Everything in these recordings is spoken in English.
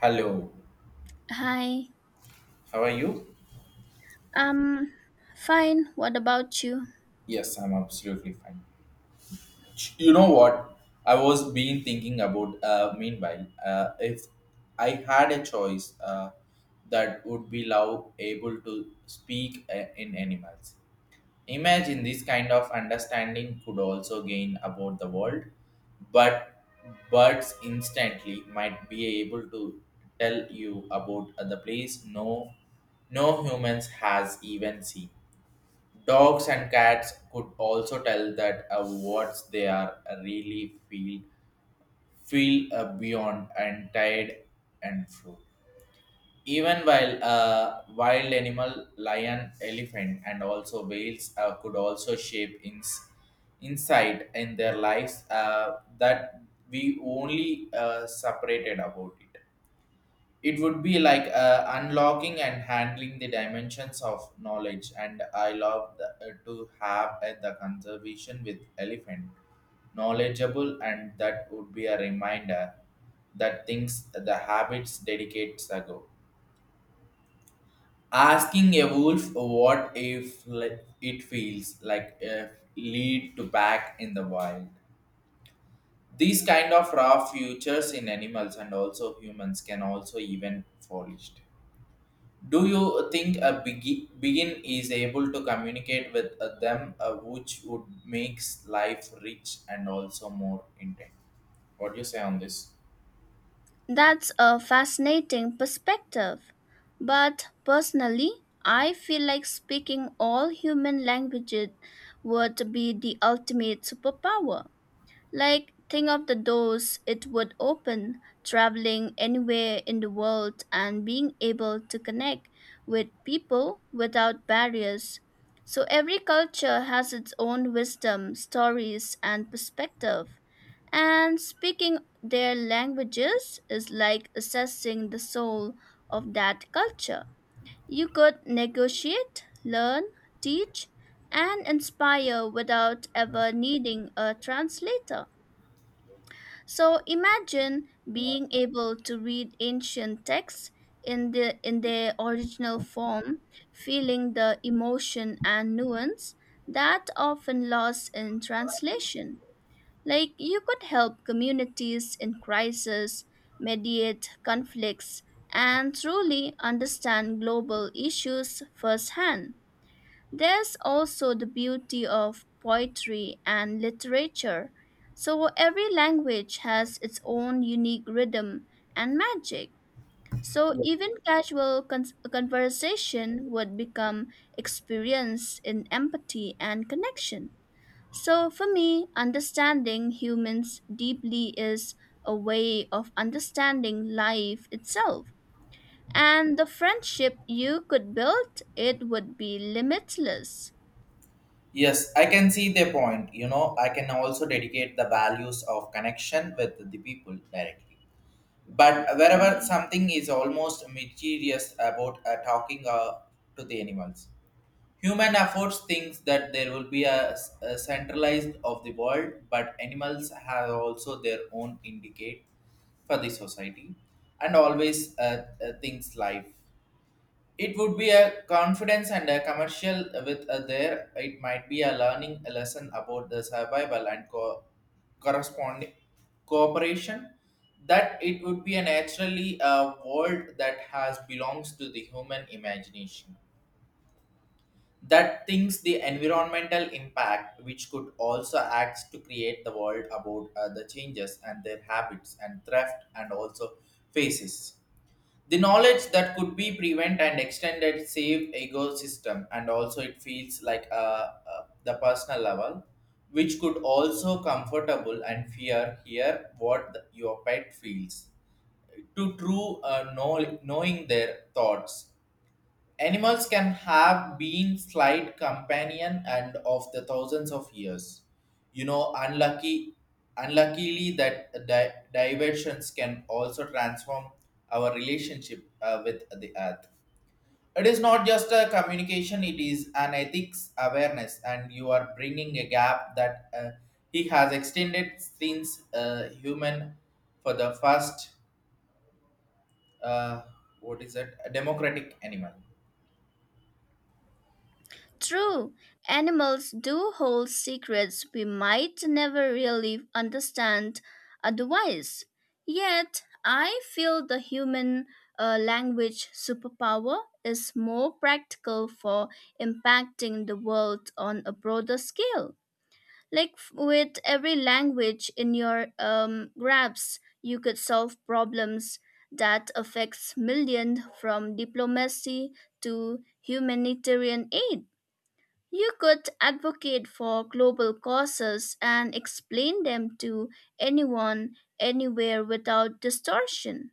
Hello, Hi. how are you? Um, Fine. What about you? Yes, I'm absolutely fine. You know what? I was been thinking about. Meanwhile, if I had a choice, that would be love able to speak in animals. Imagine this kind of understanding could also gain about the world, but birds instantly might be able to tell you about the place no humans has even seen. Dogs and cats could also tell that what they are really feel beyond and tired and true. Even while wild animal, lion, elephant, and also whales could also shape insight in their lives that we only separated about it. It would be like unlocking and handling the dimensions of knowledge, and I love to have the conservation with elephant knowledgeable, and that would be a reminder that things the habits dedicates ago, asking a wolf what if it feels like if lead to back in the wild, these kind of raw futures in animals and also humans can also even flourished. Do you think a begin is able to communicate with them, which would makes life rich and also more intent? What do you say on this? That's a fascinating perspective. But personally, I feel like speaking all human languages would be the ultimate superpower. Like, think of the doors it would open, traveling anywhere in the world and being able to connect with people without barriers. So, every culture has its own wisdom, stories, and perspective, and speaking their languages is like assessing the soul of that culture. You could negotiate, learn, teach, and inspire without ever needing a translator. So imagine being able to read ancient texts in their original form, feeling the emotion and nuance that often lost in translation. Like, you could help communities in crisis, mediate conflicts, and truly understand global issues firsthand. There's also the beauty of poetry and literature. So, every language has its own unique rhythm and magic. So, even casual conversation would become experience in empathy and connection. So, for me, understanding humans deeply is a way of understanding life itself. And the friendship you could build, it would be limitless. Yes, I can see their point. I can also dedicate the values of connection with the people directly. But wherever something is almost mysterious about talking to the animals, human efforts thinks that there will be a centralized of the world, but animals have also their own indicate for the society and always thinks life. It would be a confidence and a commercial with a there. It might be a learning a lesson about the survival and corresponding cooperation. That it would be a naturally a world that has belongs to the human imagination, that thinks the environmental impact which could also act to create the world about the changes and their habits and theft and also faces the knowledge that could be prevent and extended save ecosystem. And also it feels like the personal level which could also comfortable and fear here what your pet feels to true, knowing their thoughts. Animals can have been slight companion and of the thousands of years. You know, unlucky, Unluckily that diversions can also transform our relationship with the earth. It is not just a communication; it is an ethics awareness, and you are bringing a gap that he has extended since human for the first uh, what is it? A democratic animal. True, animals do hold secrets we might never really understand otherwise. Yet, I feel the human language superpower is more practical for impacting the world on a broader scale. Like with every language in your grasp, you could solve problems that affects millions from diplomacy to humanitarian aid. You could advocate for global causes and explain them to anyone, anywhere without distortion.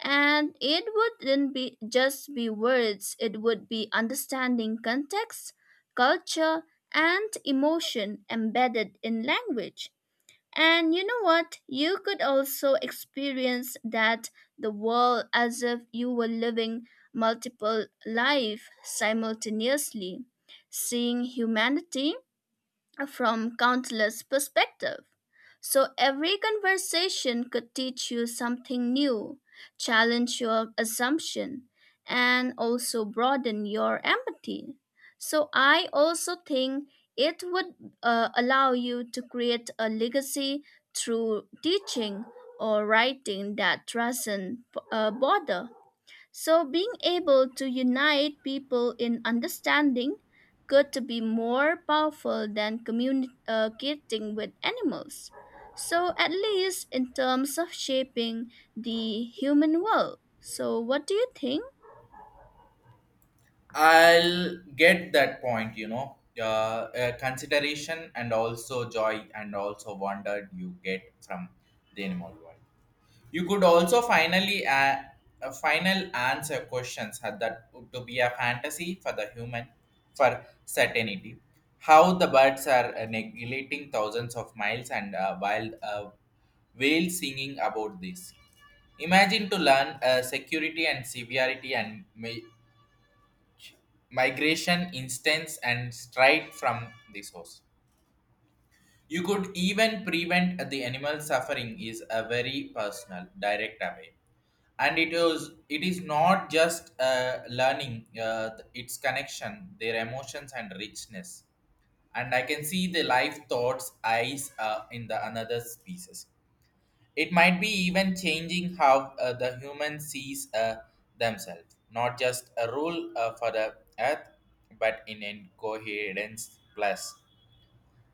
And it wouldn't be just be words, it would be understanding context, culture, and emotion embedded in language. And you know what? You could also experience that the world as if you were living multiple life simultaneously, seeing humanity from countless perspectives. So every conversation could teach you something new, challenge your assumption, and also broaden your empathy. So I also think it would allow you to create a legacy through teaching or writing that doesn't bother. So, being able to unite people in understanding could to be more powerful than communicating with animals. So, at least in terms of shaping the human world. So, what do you think? I'll get that point. Consideration and also joy and also wonder you get from the animal world. You could also finally a final answer questions had that to be a fantasy for the human for certainty. How the birds are neglecting thousands of miles, and wild whales singing about this. Imagine to learn security and severity and migration instance and straight from the source. You could even prevent the animal suffering is a very personal, direct away. And it is not just learning its connection, their emotions and richness. And I can see the life thoughts eyes in the another species. It might be even changing how the human sees themselves, not just a rule for the earth, but in incoherence plus.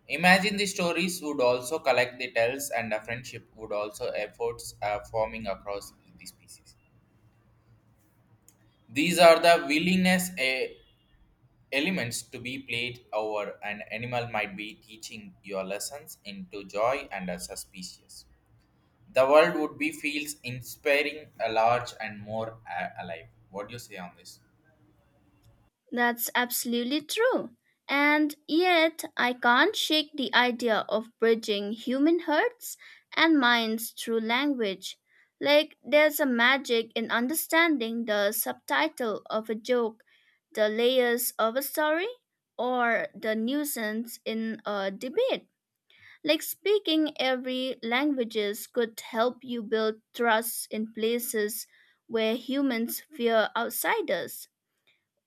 Imagine the stories would also collect the tells, and a friendship would also efforts forming across the species. These are the willingness elements to be played over an animal might be teaching your lessons into joy and a suspicious. The world would be feels inspiring, a large and more alive. What do you say on this? That's absolutely true. And yet, I can't shake the idea of bridging human hearts and minds through language. Like, there's a magic in understanding the subtitle of a joke, the layers of a story, or the nuisance in a debate. Like, speaking every languages could help you build trust in places where humans fear outsiders.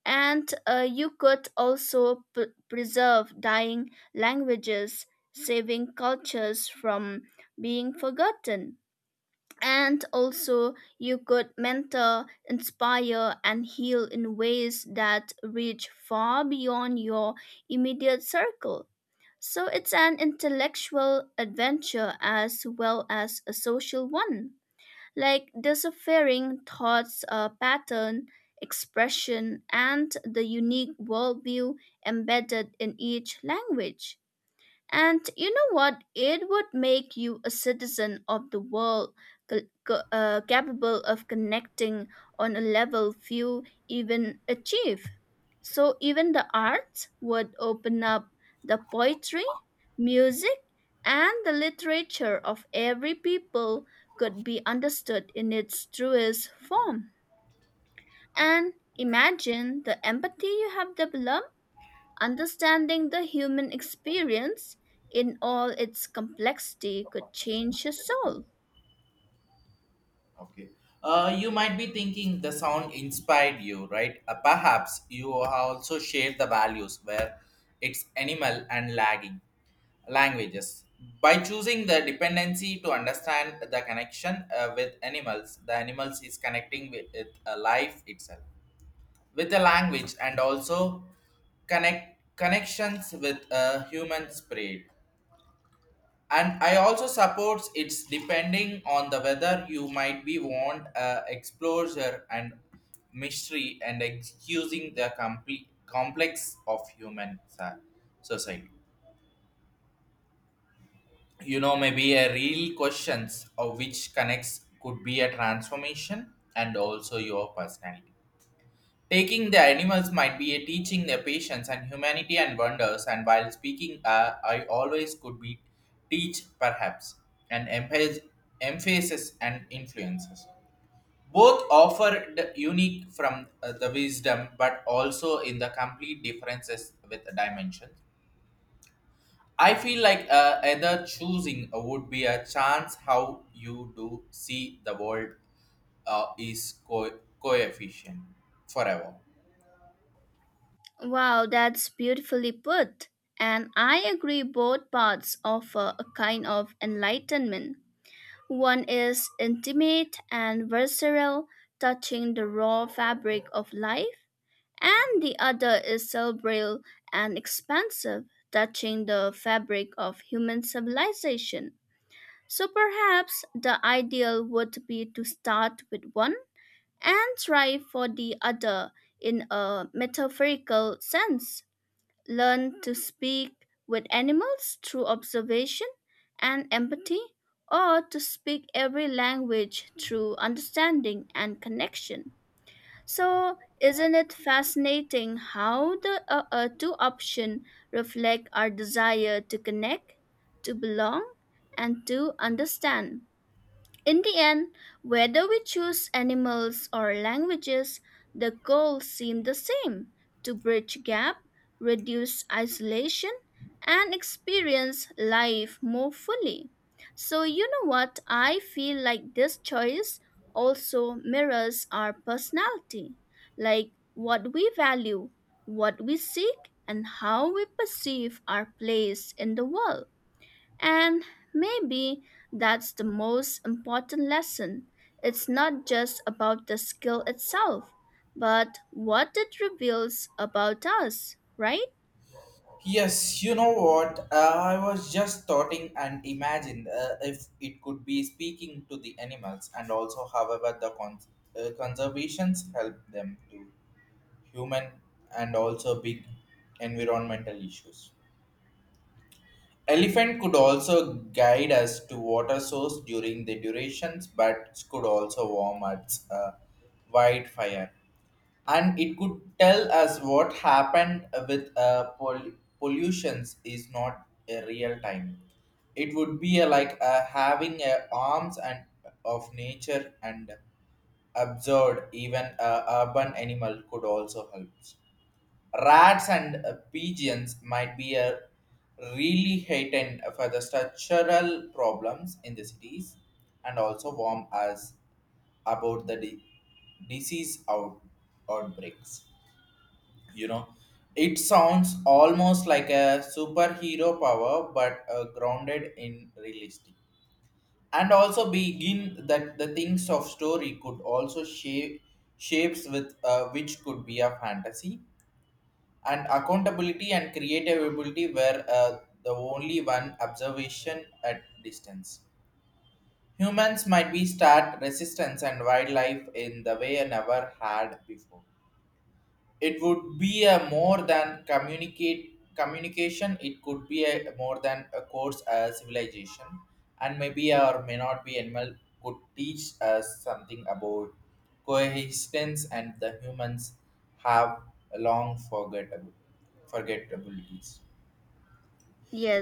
And you could also preserve dying languages, saving cultures from being forgotten. And also, you could mentor, inspire, and heal in ways that reach far beyond your immediate circle. So, it's an intellectual adventure as well as a social one, like disappearing thoughts pattern, expression, and the unique worldview embedded in each language. And you know what? It would make you a citizen of the world, capable of connecting on a level few even achieve. So even the arts would open up, the poetry, music, and the literature of every people could be understood in its truest form. And imagine the empathy you have developed. Understanding the human experience in all its complexity could change your soul. Okay. You might be thinking the sound inspired you, right? Perhaps you also share the values where it's animal and lagging languages. By choosing the dependency to understand the connection with animals, the animals is connecting with life itself. With the language, and also connections with a human spirit. And I also supports it's depending on the whether you might be want a exposure and mystery and excusing the complete complex of human society. Maybe a real questions of which connects could be a transformation and also your personality. Taking the animals might be a teaching their patience and humanity and wonders, and while speaking, I always could be teach perhaps and emphasis and influences. Both offered unique from the wisdom, but also in the complete differences with the dimensions. I feel like either choosing would be a chance how you do see the world is coefficient forever. Wow, that's beautifully put. And I agree both paths offer a kind of enlightenment. One is intimate and visceral, touching the raw fabric of life, and the other is cerebral and expansive, touching the fabric of human civilization. So perhaps the ideal would be to start with one and try for the other in a metaphorical sense. Learn to speak with animals through observation and empathy, or to speak every language through understanding and connection. So, isn't it fascinating how the two options reflect our desire to connect, to belong, and to understand? In the end, whether we choose animals or languages, the goals seem the same, to bridge gap, reduce isolation, and experience life more fully. So, you know what? I feel like this choice also mirrors our personality, like what we value, what we seek, and how we perceive our place in the world. And maybe that's the most important lesson. It's not just about the skill itself, but what it reveals about us, right? Yes, you know what? I was just thoughting and imagined if it could be speaking to the animals, and also, however, the conservations help them to human and also big environmental issues. Elephant could also guide us to water source during the durations, but could also warm at wildfire, and it could tell us what happened with pollutions is not a real time. It would be a, like a having a arms and of nature, and absurd even a urban animal could also help. Rats and pigeons might be a really heightened for the structural problems in the cities, and also warn us about the disease outbreaks. You know, it sounds almost like a superhero power, but grounded in realistic. And also begin that the things of story could also shapes with which could be a fantasy and accountability and creative ability, were the only one observation at distance. Humans might be start resistance and wildlife in the way never had before. It would be a more than communicate communication. It could be a more than a course as civilization, and maybe or may not be animal could teach us something about coexistence, and the humans have a long forgettable forgettabilities.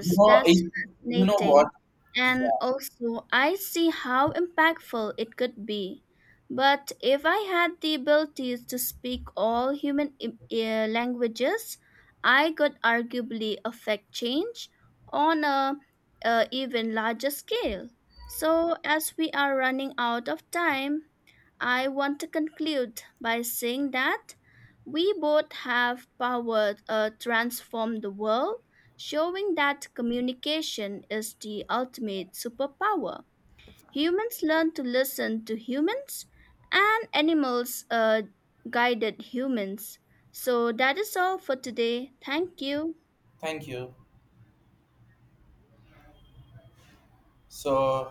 You know it, that's you know what, fascinating. And yeah, also, I see how impactful it could be. But if I had the ability to speak all human languages, I could arguably affect change on a even larger scale. So, as we are running out of time, I want to conclude by saying that we both have power to transform the world, showing that communication is the ultimate superpower. Humans learn to listen to humans, and animals guided humans. So that is all for today. Thank you. thank you. So